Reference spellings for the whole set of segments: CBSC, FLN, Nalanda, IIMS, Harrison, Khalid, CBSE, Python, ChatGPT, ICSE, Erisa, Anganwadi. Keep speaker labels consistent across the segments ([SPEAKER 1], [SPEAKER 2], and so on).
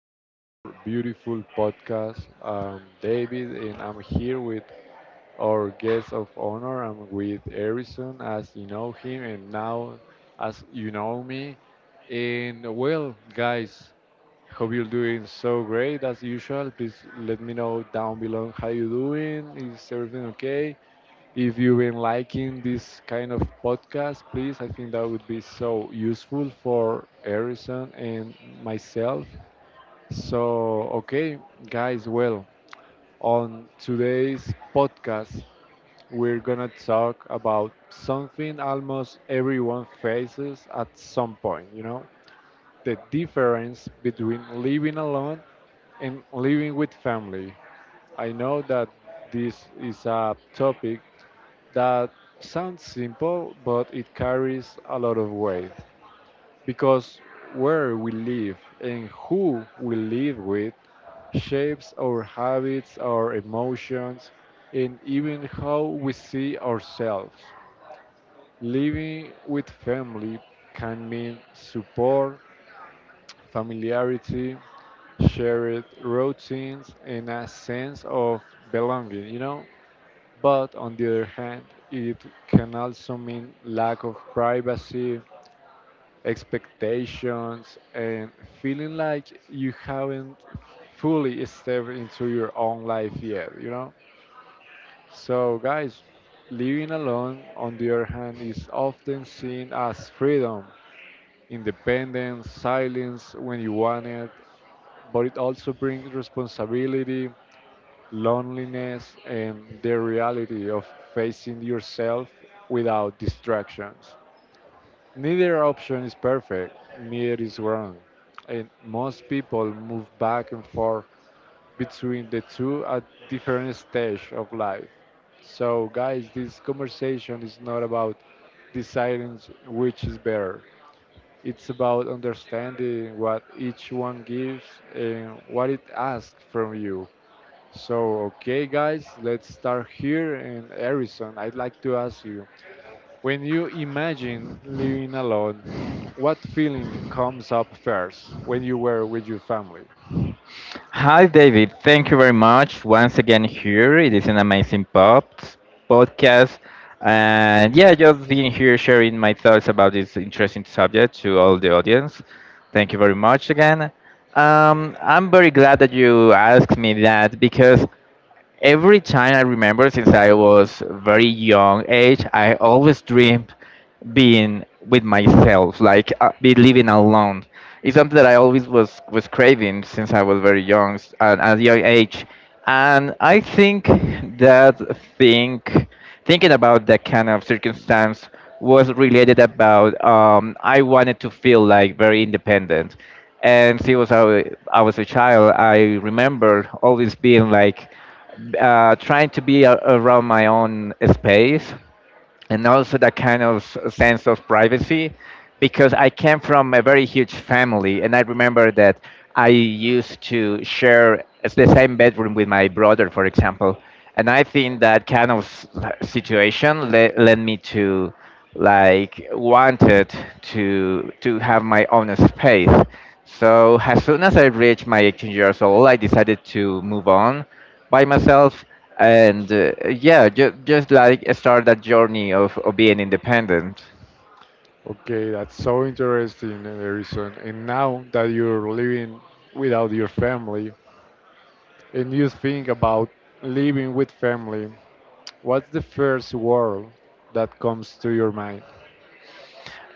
[SPEAKER 1] to our beautiful podcast. David, and I'm here with our guest of honor. I'm with Harrison, as you know him, and now as you know me. And well, guys, hope you're doing so great as usual. Please let me know down below how you doing. Is everything okay? If you've been liking this kind of podcast, please, I think that would be so useful for Harrison and myself. So, okay, guys, well, on today's podcast, we're gonna talk about something almost everyone faces at some point, you know, the difference between living alone and living with family. I know that this is a topic that sounds simple, but it carries a lot of weight because where we live and who we live with shapes our habits, our emotions, and even how we see ourselves. Living with family can mean support, familiarity, shared routines, and a sense of belonging, you know? But on the other hand, it can also mean lack of privacy, expectations, and feeling like you haven't fully stepped into your own life yet, you know? So, guys, living alone, on the other hand, is often seen as freedom, independence, silence when you want it, but it also brings responsibility loneliness, and the reality of facing yourself without distractions. Neither option is perfect, neither is wrong, and most people move back and forth between the two at different stage of life. So guys, this conversation is not about deciding which is better. It's about understanding what each one gives and what it asks from you. So, okay, guys, let's start here. And Harrison, I'd like to ask you, when you imagine living alone, what feeling comes up first when you were with your family?
[SPEAKER 2] Hi, David. Thank you very much once again here. It is an amazing pop podcast, and yeah, just being here sharing my thoughts about this interesting subject to all the audience. Thank you very much again. I'm very glad that you asked me that because every time I remember since I was very young age, I always dreamed being with myself, like be living alone. It's something that I always was craving since I was very young, at a young age, and I that think thinking about that kind of circumstance was related about I wanted to feel like very independent, and since I was a child. I remember always being like trying to be around my own space, and also that kind of sense of privacy because I came from a very huge family, and I remember that I used to share the same bedroom with my brother, for example. And I think that kind of situation led me to like wanted to have my own space. So as soon as I reached my 18 years old, I decided to move on by myself, and yeah, just like start that journey of being independent.
[SPEAKER 1] Okay, that's so interesting, Harrison. And now that you're living without your family and you think about living with family, what's the first word that comes to your mind?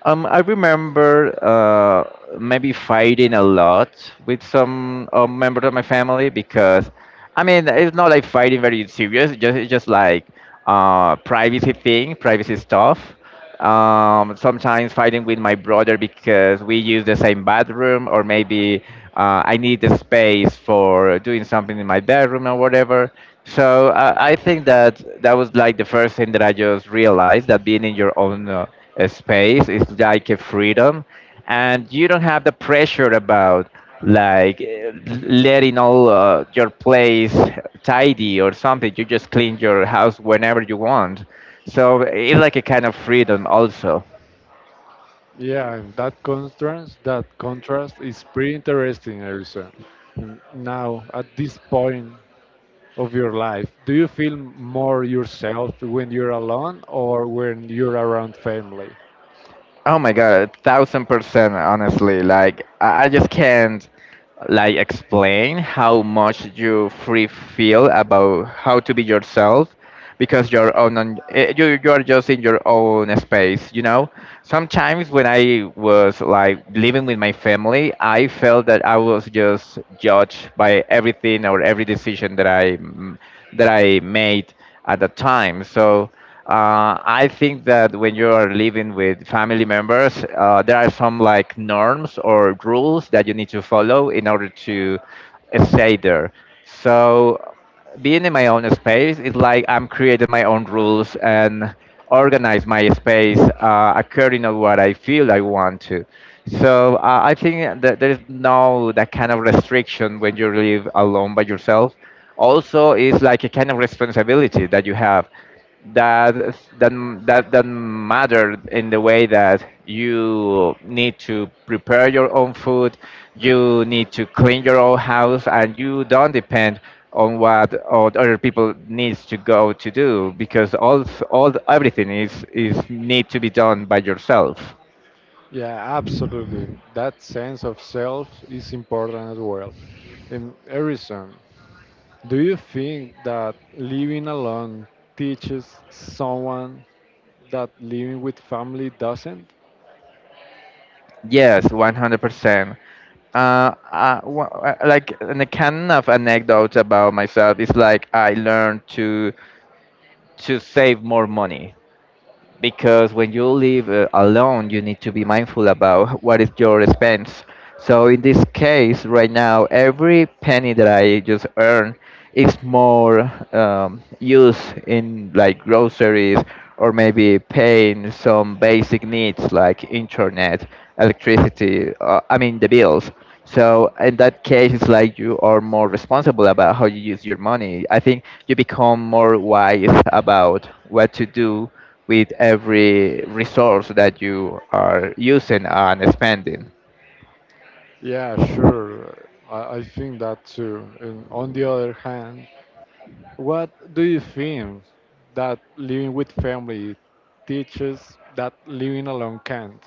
[SPEAKER 2] I remember maybe fighting a lot with some members of my family because, I mean, it's not like fighting very serious. It's just like privacy thing, privacy stuff. Sometimes fighting with my brother because we use the same bathroom, or maybe I need the space for doing something in my bedroom or whatever. So I think that that was like the first thing that I just realized, that being in your own space, it's like a freedom, and you don't have the pressure about like letting all your place tidy or something. You just clean your house whenever you want. So it's like a kind of freedom also.
[SPEAKER 1] Yeah, and that contrast is pretty interesting, Erisa. Now, at this point of your life, do you feel more yourself when you're alone or when you're around family?
[SPEAKER 2] Oh my god, 1000%, honestly. Like, I just can't like explain how much you free feel about how to be yourself because you're on you you are just in your own space, you know? Sometimes when I was like living with my family, I felt that I was just judged by everything or every decision that that I made at the time. So I think that when you are living with family members, there are some like norms or rules that you need to follow in order to stay there. So being in my own space is like I'm creating my own rules and organize my space according to what I feel I want to. So I think that there's no that kind of restriction when you live alone by yourself. Also, it's like a kind of responsibility that you have that that that matter in the way that you need to prepare your own food, you need to clean your own house, and you don't depend on what other people needs to go to do because all everything is need to be done by yourself.
[SPEAKER 1] Yeah, absolutely. That sense of self is important as well. And Erisa, do you think that living alone teaches someone that living with family doesn't?
[SPEAKER 2] Yes, 100%. Like an a kind of anecdote about myself is like I learned to save more money because when you live alone, you need to be mindful about what is your expense. So in this case, right now, every penny that I just earn is more used in like groceries or maybe paying some basic needs like internet, electricity. I mean the bills. So in that case, it's like you are more responsible about how you use your money. I think you become more wise about what to do with every resource that you are using and spending.
[SPEAKER 1] Yeah, sure. I think that too. And on the other hand, what do you think that living with family teaches that living alone can't?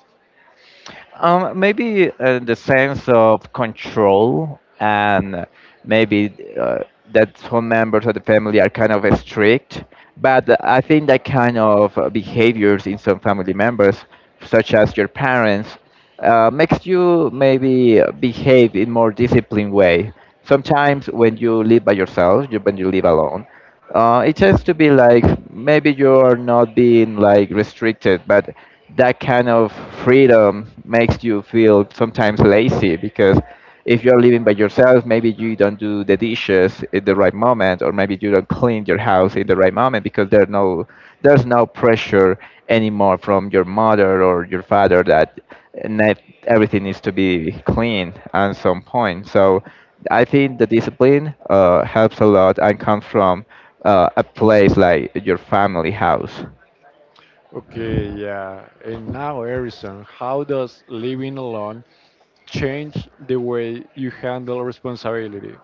[SPEAKER 2] Maybe the sense of control and maybe uh, that some members of the family are kind of strict, but I think that kind of behaviors in some family members, such as your parents, makes you maybe behave in more disciplined way. Sometimes when you live by yourself, you, when you live alone, it has to be like maybe you're not being like restricted, but that kind of freedom makes you feel sometimes lazy because if you're living by yourself, maybe you don't do the dishes at the right moment, or maybe you don't clean your house in the right moment because there's no pressure anymore from your mother or your father that net, everything needs to be clean at some point. So I think the discipline helps a lot and comes from a place like your family house.
[SPEAKER 1] Okay, yeah. And now, Harrison, how does living alone change the way you handle responsibility?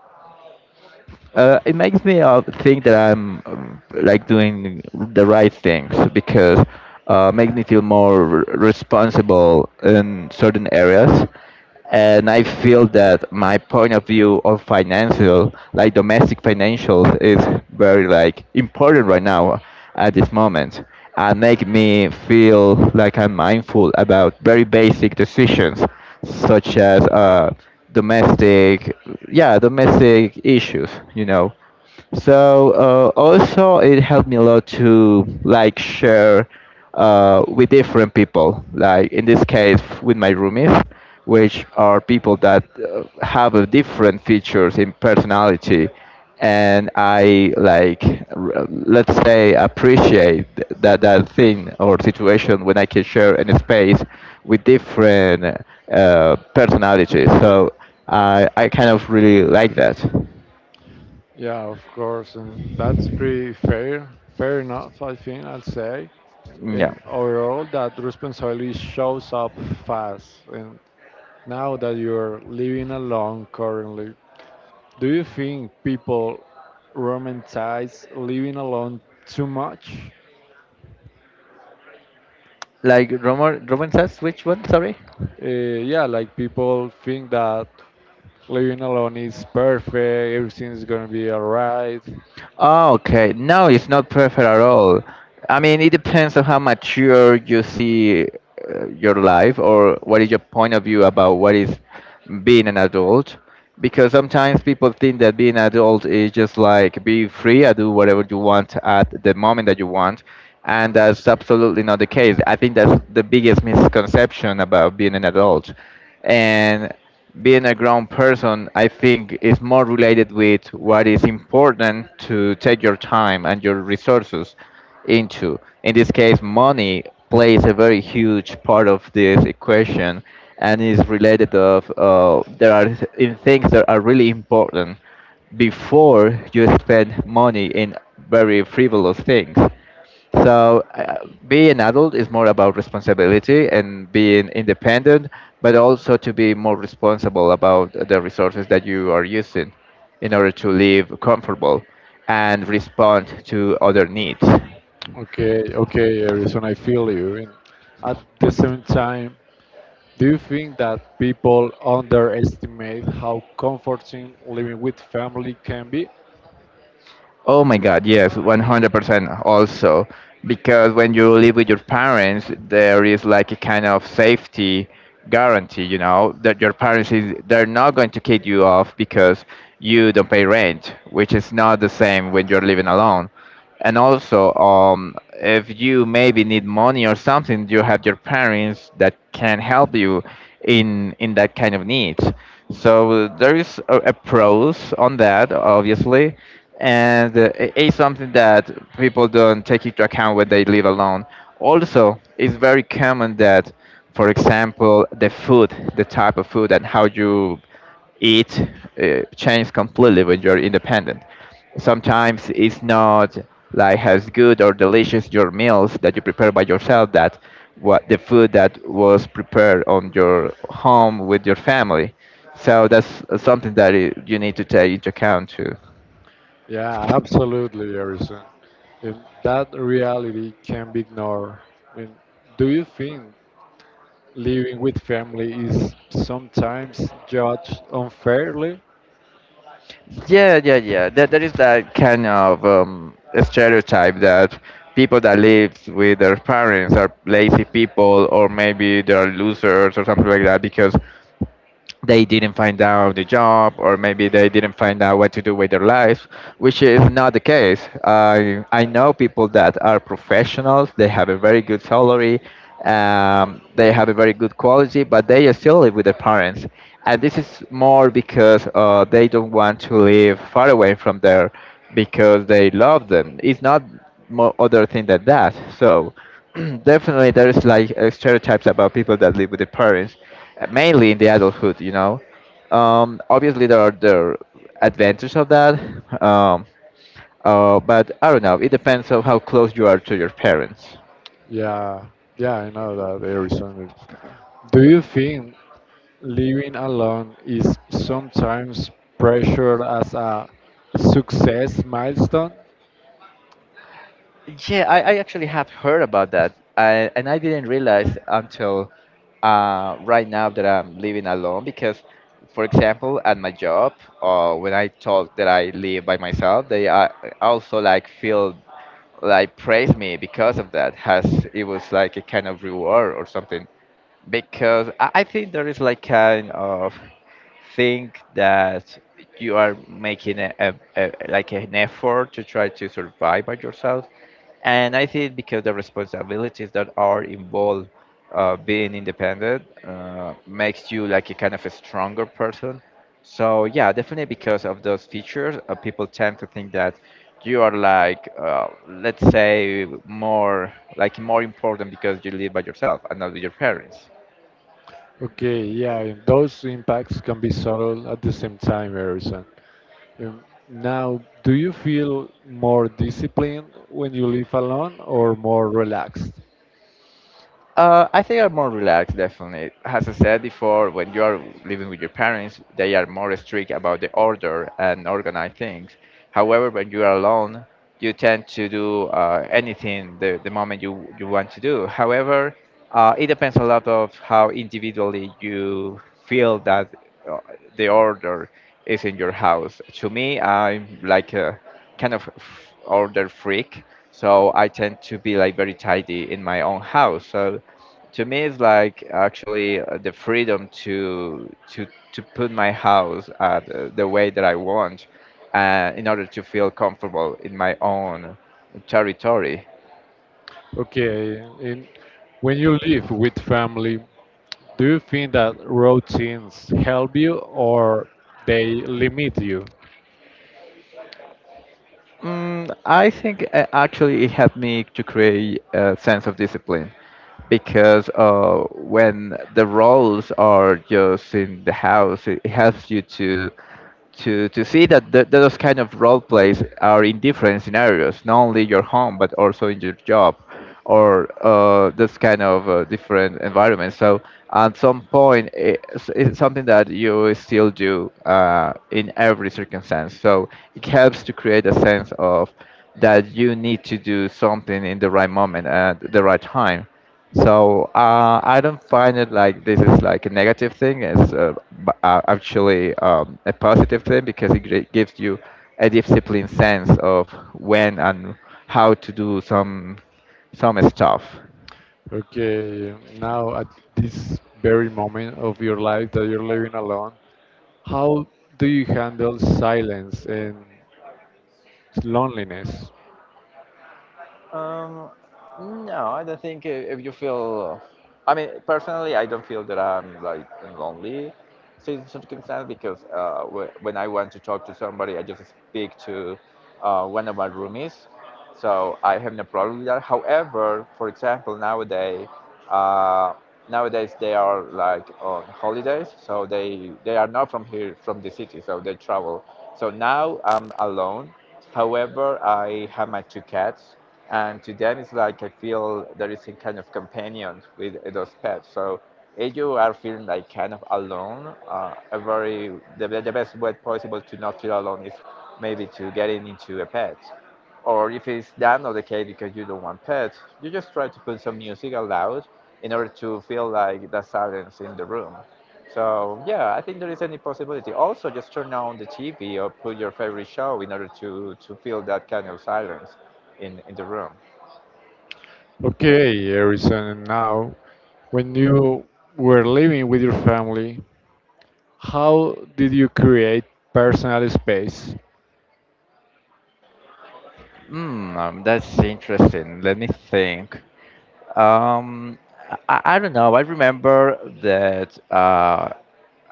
[SPEAKER 2] It makes me think that I'm like doing the right things because makes me feel more responsible in certain areas, and I feel that my point of view of financial, like domestic financials, is very like important right now at this moment, and make me feel like I'm mindful about very basic decisions, such as domestic, yeah, domestic issues, you know. So also it helped me a lot to like share with different people, like in this case with my roomies, which are people that have a different features in personality, and I like let's say appreciate that thing or situation when I can share in a space with different personalities. So I kind of really like that.
[SPEAKER 1] Yeah, of course, and that's pretty fair. Fair enough, I think I'll say.
[SPEAKER 2] Yeah.
[SPEAKER 1] And overall, that responsibility shows up fast. And now that you're living alone currently, do you think people romanticize living alone too much?
[SPEAKER 2] Like Roman says, which one? Sorry.
[SPEAKER 1] Yeah, like people think that living alone is perfect, everything's gonna be alright.
[SPEAKER 2] Oh, okay. No, it's not perfect at all. I mean, it depends on how mature you see your life, or what is your point of view about what is being an adult. Because sometimes people think that being an adult is just like be free, I do whatever you want at the moment that you want. And that's absolutely not the case. I think that's the biggest misconception about being an adult. And being a grown person, I think, is more related with what is important to take your time and your resources into. In this case, money plays a very huge part of this equation, and is related of there are th- in things that are really important before you spend money in very frivolous things. So being an adult is more about responsibility and being independent, but also to be more responsible about the resources that you are using in order to live comfortable and respond to other needs.
[SPEAKER 1] Okay, okay, Harrison, I feel you. And at the same time, do you think that people underestimate how comforting living with family can be?
[SPEAKER 2] Oh my God, yes, 100% also. Because when you live with your parents, there is like a kind of safety guarantee, you know, that your parents is they're not going to kick you off because you don't pay rent, which is not the same when you're living alone. And also, if you maybe need money or something, you have your parents that can help you in that kind of needs. So there is a pros on that, obviously, and it's something that people don't take into account when they live alone. Also, it's very common that, for example, the food, the type of food, and how you it changes completely when you're independent. Sometimes it's not like as good or delicious your meals that you prepare by yourself that what the food that was prepared on your home with your family. So that's something that you need to take into account too.
[SPEAKER 1] Yeah, absolutely, Harrison. And that reality can be ignored. I mean, do you think living with family is sometimes judged unfairly?
[SPEAKER 2] Yeah, yeah, yeah. That there is that kind of stereotype that people that live with their parents are lazy people, or maybe they're losers or something like that because they didn't find out the job, or maybe they didn't find out what to do with their lives, which is not the case. I know people that are professionals, they have a very good salary, they have a very good quality, but they still live with their parents, and this is more because they don't want to live far away from there because they love them. It's not more other thing than that. So definitely, there is like stereotypes about people that live with their parents, mainly in the adulthood. You know, obviously there are the advantages of that, um, but I don't know. It depends on how close you are to your parents.
[SPEAKER 1] Yeah, yeah, I know that, Harrison. Do you think living alone is sometimes pressured as a success milestone?
[SPEAKER 2] Yeah, I actually have heard about that, I, and I didn't realize until right now that I'm living alone because, for example, at my job, when I told that I live by myself, they also like feel like praised me because of that has it was like a kind of reward or something because I think there is like kind of thing that you are making a like an effort to try to survive by yourself and I think because the responsibilities that are involved being independent makes you like a kind of a stronger person so yeah definitely because of those features people tend to think that you are like let's say more like more important because you live by yourself and not with your parents.
[SPEAKER 1] Okay, yeah, and those impacts can be subtle at the same time, Harrison. Now, do you feel more disciplined when you live alone or more relaxed?
[SPEAKER 2] I think are more relaxed, definitely. As I said before, when you are living with your parents, they are more strict about the order and organize things. However, when you are alone, you tend to do anything the moment you want to do. However, it depends a lot of how individually you feel that uh, the order is in your house. To me, I'm like a kind of order freak, so I tend to be like very tidy in my own house. So to me it's like actually the freedom to put my house at the way that I want in order to feel comfortable in my own territory.
[SPEAKER 1] Okay, and when you live with family, do you think that routines help you or they limit you?
[SPEAKER 2] Mm, I think actually it helped me to create a sense of discipline because when the roles are just in the house, it helps you to see that those kind of role plays are in different scenarios, not only your home but also in your job, or this kind of different environments. So at some point, it's something that you still do in every circumstance. So it helps to create a sense of that you need to do something in the right moment at the right time so I don't find it like this is like a negative thing. It's actually a positive thing because it gives you a disciplined sense of when and how to do some stuff.
[SPEAKER 1] Okay, now at this very moment of your life that you're living alone, how do you handle silence and loneliness?
[SPEAKER 2] Um, no, I don't think if you feel. I mean, personally, I don't feel that I'm like in lonely in circumstance because when I want to talk to somebody, I just speak to one of my roomies. So I have no problem with that. However, for example, nowadays, uh, nowadays they are like on holidays, so they are not from here, from the city, so they travel. So now I'm alone. However, I have my two cats and to them it's like I feel there is a kind of companion with those pets so if you are feeling like kind of alone a very the best way possible to not feel alone is maybe to get in into a pet or if it's that not the case because you don't want pets you just try to put some music aloud in order to feel like the silence in the room so yeah, I think there is any possibility. Also, just turn on the TV or put your favorite show in order to feel that kind of silence in the room.
[SPEAKER 1] Okay, Harrison, now, when you were living with your family, how did you create personal space?
[SPEAKER 2] Hmm, that's interesting. Let me think. Um, I don't know. I remember that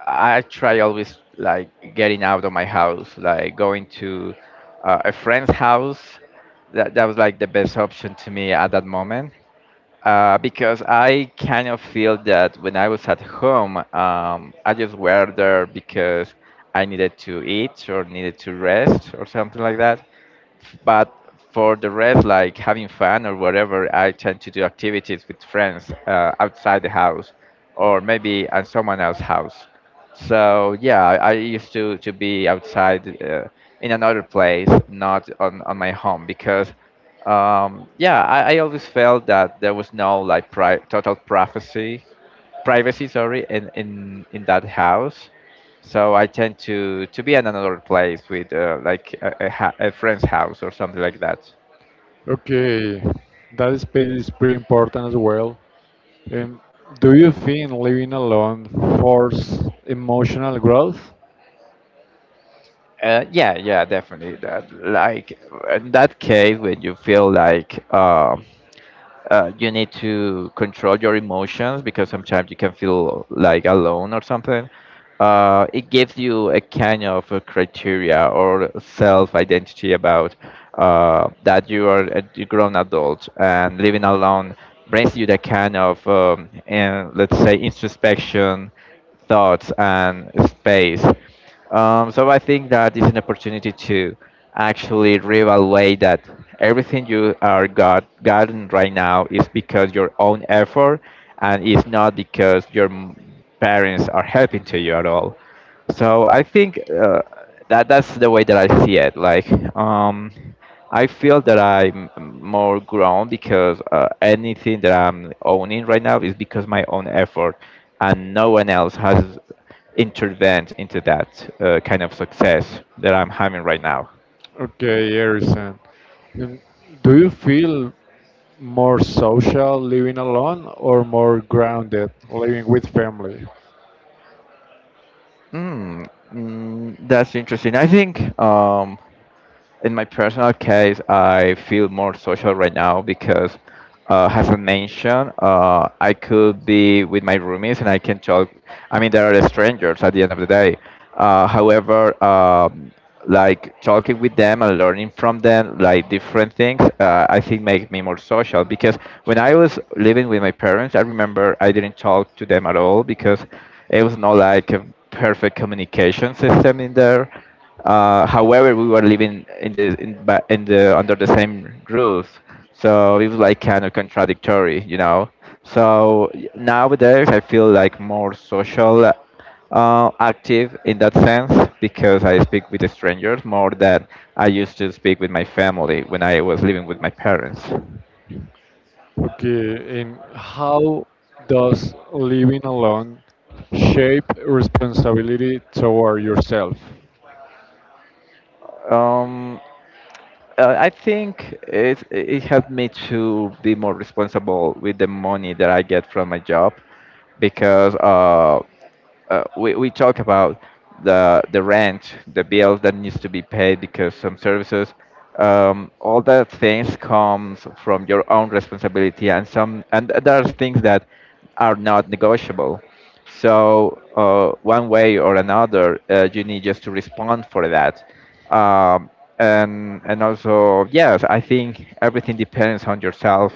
[SPEAKER 2] I try always like getting out of my house, like going to a friend's house. That was like the best option to me at that moment. Because I kind of feel that when I was at home, I just were there because I needed to eat or needed to rest or something like that. But for the rest, like having fun or whatever, I tend to do activities with friends outside the house or maybe at someone else's house. So yeah, I used to be outside in another place, not on, on my home because yeah, I always felt that there was no like total privacy privacy, sorry, in that house. So I tend to be in another place with like a friend's house or something like that.
[SPEAKER 1] Okay, that space is pretty important as well. Um, do you think living alone forces emotional growth?
[SPEAKER 2] Yeah, yeah, definitely. That like in that case when you feel like you need to control your emotions because sometimes you can feel like alone or something. It gives you a kind of a criteria or self identity about that you are a grown adult and living alone brings you the kind of and let's say introspection thoughts and space. So I think that is an opportunity to actually reevaluate that everything you are gotten right now is because your own effort and it's not because your parents are helping to you at all. So I think that's the way that I see it. Like um, I feel that I'm more grown because anything that I'm owning right now is because my own effort, and no one else has intervened into that kind of success that I'm having right now.
[SPEAKER 1] Okay, Harrison, um, do you feel more social living alone or more grounded living with family?
[SPEAKER 2] Mm, that's interesting. I think. In my personal case, I feel more social right now because, as I mentioned, I could be with my roomies and I can talk. I mean, they are strangers at the end of the day. Uh, however, um, like talking with them and learning from them, like different things, I think make me more social. Because when I was living with my parents, I remember I didn't talk to them at all because it was not like a perfect communication system in there however, we were living in the in the under the same roof, so it was like kind of contradictory, you know. So nowadays, I feel like more social, active in that sense because I speak with the strangers more than I used to speak with my family when I was living with my parents.
[SPEAKER 1] Okay, and how does living alone shape responsibility toward yourself?
[SPEAKER 2] Um, I think it helped me to be more responsible with the money that I get from my job because we talk about the rent, the bills that needs to be paid because some services, all the things comes from your own responsibility and some and there are things that are not negotiable. So one way or another, you need just to respond for that. Um, and also yes, I think everything depends on yourself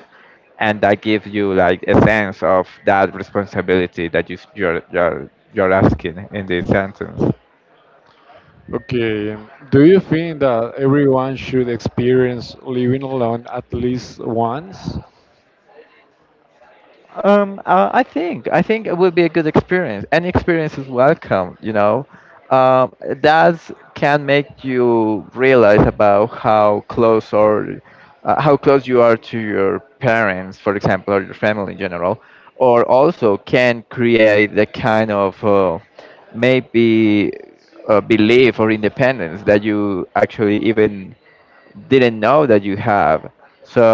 [SPEAKER 2] and that gives you like a sense of that responsibility that you're asking in this sentence.
[SPEAKER 1] Okay, do you think that everyone should experience living alone at least once?
[SPEAKER 2] I think it will be a good experience. Any experience is welcome, you know. That can make you realize about how close or how close you are to your parents, for example, or your family in general, or also can create the kind of maybe belief or independence that you actually even didn't know that you have. So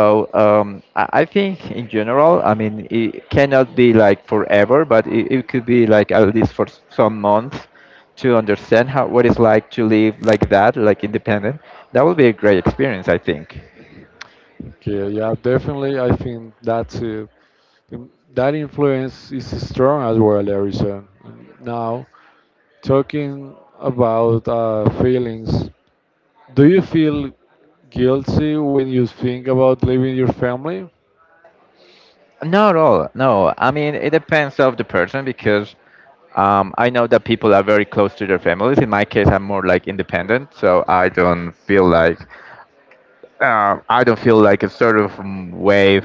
[SPEAKER 2] I think in general, I mean, it cannot be like forever, but it could be like at least for some months to understand how what it's like to live like that, like independent. That would be a great experience, I think.
[SPEAKER 1] Okay, yeah, definitely. I think that's it. That influence is strong as well, Harrison. Now, talking about feelings, do you feel guilty when you think about leaving your family?
[SPEAKER 2] Not at all. No, I mean it depends of the person because I know that people are very close to their families. In my case, I'm more like independent, so I don't feel like I don't feel like a sort of wave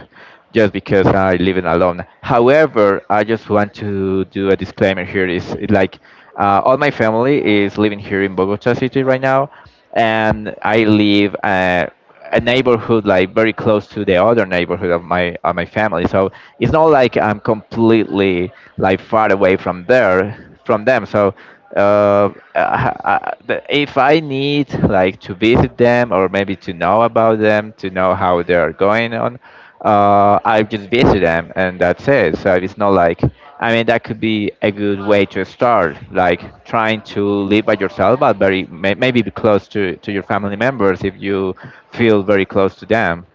[SPEAKER 2] just because I live living alone. However, I just want to do a disclaimer here is it like all my family is living here in Bogota city right now, and I live a neighborhood like very close to the other neighborhood of my family. So it's not like I'm completely like far away from there from them. So if I need like to visit them or maybe to know about them, to know how they are going on, I just visit them and that's it. So it's not like I mean that could be a good way to start, like trying to live by yourself, but very maybe be close to your family members if you feel very close to them.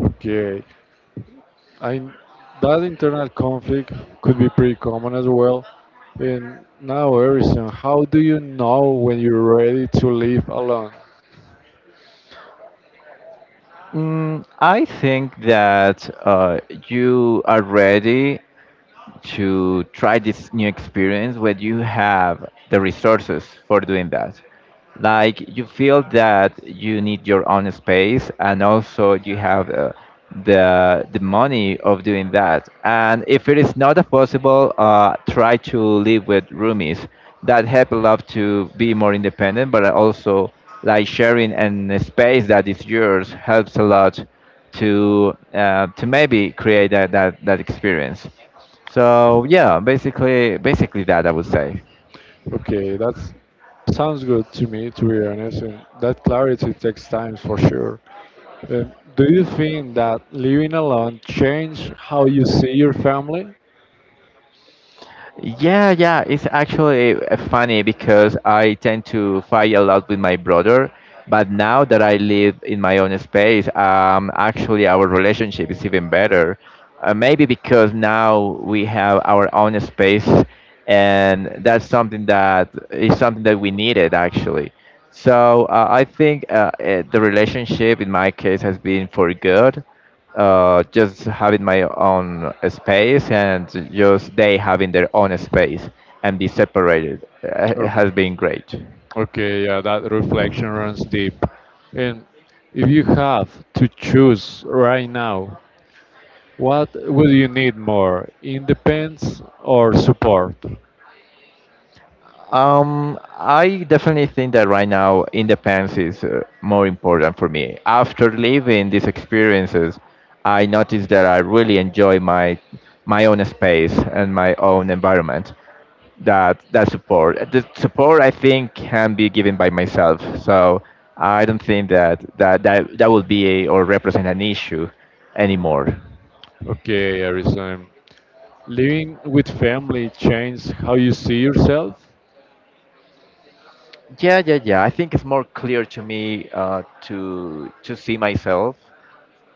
[SPEAKER 1] Okay, I that internal conflict could be pretty common as well. And now, Harrison, how do you know when you're ready to live alone?
[SPEAKER 2] Mm, I think that you are ready to try this new experience when you have the resources for doing that. Like you feel that you need your own space and also you have the money of doing that. And if it is not possible, try to live with roomies. That help a lot to be more independent, but also like sharing an space that is yours helps a lot to maybe create that experience. So yeah, basically that I would say.
[SPEAKER 1] Okay, that sounds good to me, to be honest. And that clarity takes time for sure. Do you think that living alone changed how you see your family?
[SPEAKER 2] Yeah, yeah, it's actually funny because I tend to fight a lot with my brother, but now that I live in my own space, actually our relationship is even better. Maybe because now we have our own space, and that's something that we needed actually. So I think the relationship in my case has been for good just having my own space and just they having their own space and be separated has been great.
[SPEAKER 1] Okay, yeah, that reflection runs deep. And if you have to choose right now, what would you need more, independence or support?
[SPEAKER 2] I definitely think that right now independence is more important for me. After living these experiences, I noticed that I really enjoy my own space and my own environment. That that support. The support I think can be given by myself. So I don't think that will be a, or represent an issue anymore.
[SPEAKER 1] Okay, Harrison. Living with family changed how you see yourself?
[SPEAKER 2] Yeah. I think it's more clear to me to see myself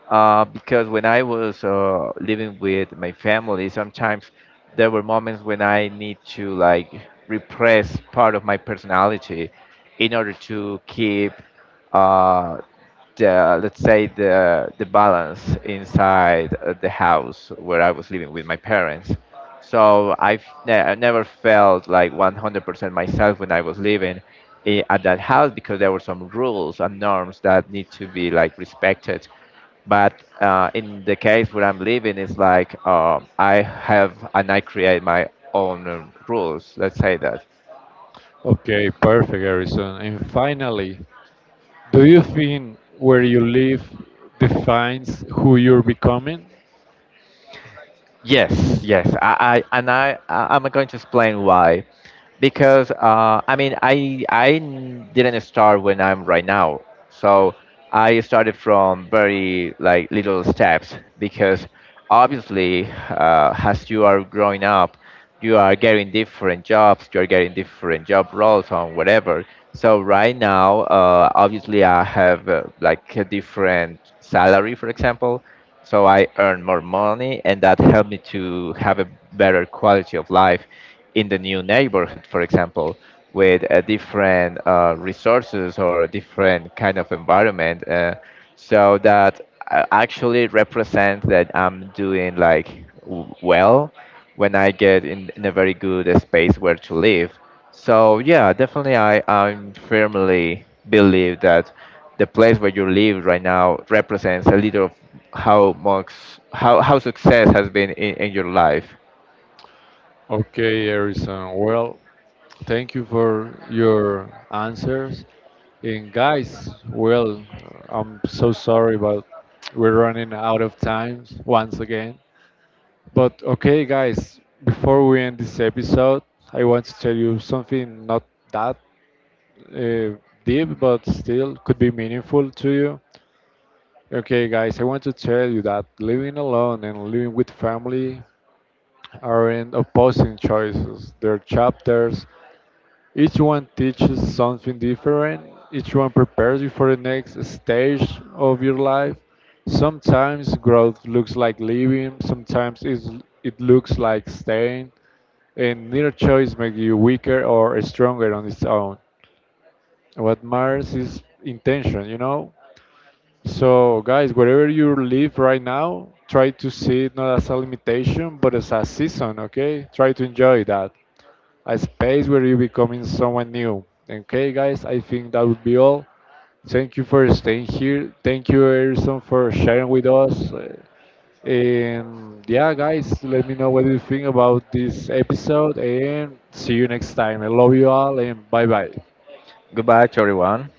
[SPEAKER 2] because when I was living with my family, sometimes there were moments when I need to like repress part of my personality in order to keep uh, the let's say the balance inside the house where I was living with my parents. So I've I never felt like 100% myself when I was living at that house because there were some rules and norms that need to be like respected but in the case where I'm living, it's like I have and I create my own rules. Let's say that.
[SPEAKER 1] Okay, perfect, Harrison. And finally, do you think where you live defines who you're becoming?
[SPEAKER 2] Yes, yes. I and I, I I'm going to explain why. Because I mean, didn't start when I'm right now. So I started from very like little steps because obviously as you are growing up, you are getting different jobs, you are getting different job roles on whatever. So right now, obviously I have like a different salary, for example so I earn more money, and that helped me to have a better quality of life in the new neighborhood, for example, with different resources or different kind of environment. So that actually represents that I'm doing like well when I get in a very good space where to live. So yeah, definitely I firmly believe that the place where you live right now represents a little of how much how success has been in your life.
[SPEAKER 1] Okay, Harrison. Well, thank you for your answers. And guys, well, I'm so sorry, but we're running out of time once again. But okay, guys, before we end this episode, I want to tell you something not that deep, but still could be meaningful to you. Okay, guys, I want to tell you that living alone and living with family are in opposing choices. Their chapters, each one teaches something different, each one prepares you for the next stage of your life. Sometimes growth looks like leaving, it looks like staying, and neither choice makes you weaker or stronger on its own. What matters is intention, you know? So, guys, wherever you live right now, try to see it not as a limitation, but as a season, okay? Try to enjoy that. A space where you're becoming someone new. Okay, guys, I think that would be all. Thank you for staying here. Thank you, Erison, for sharing with us. And yeah, guys, let me know what you think about this episode and see you next time. I love you all and bye bye.
[SPEAKER 2] Goodbye to everyone.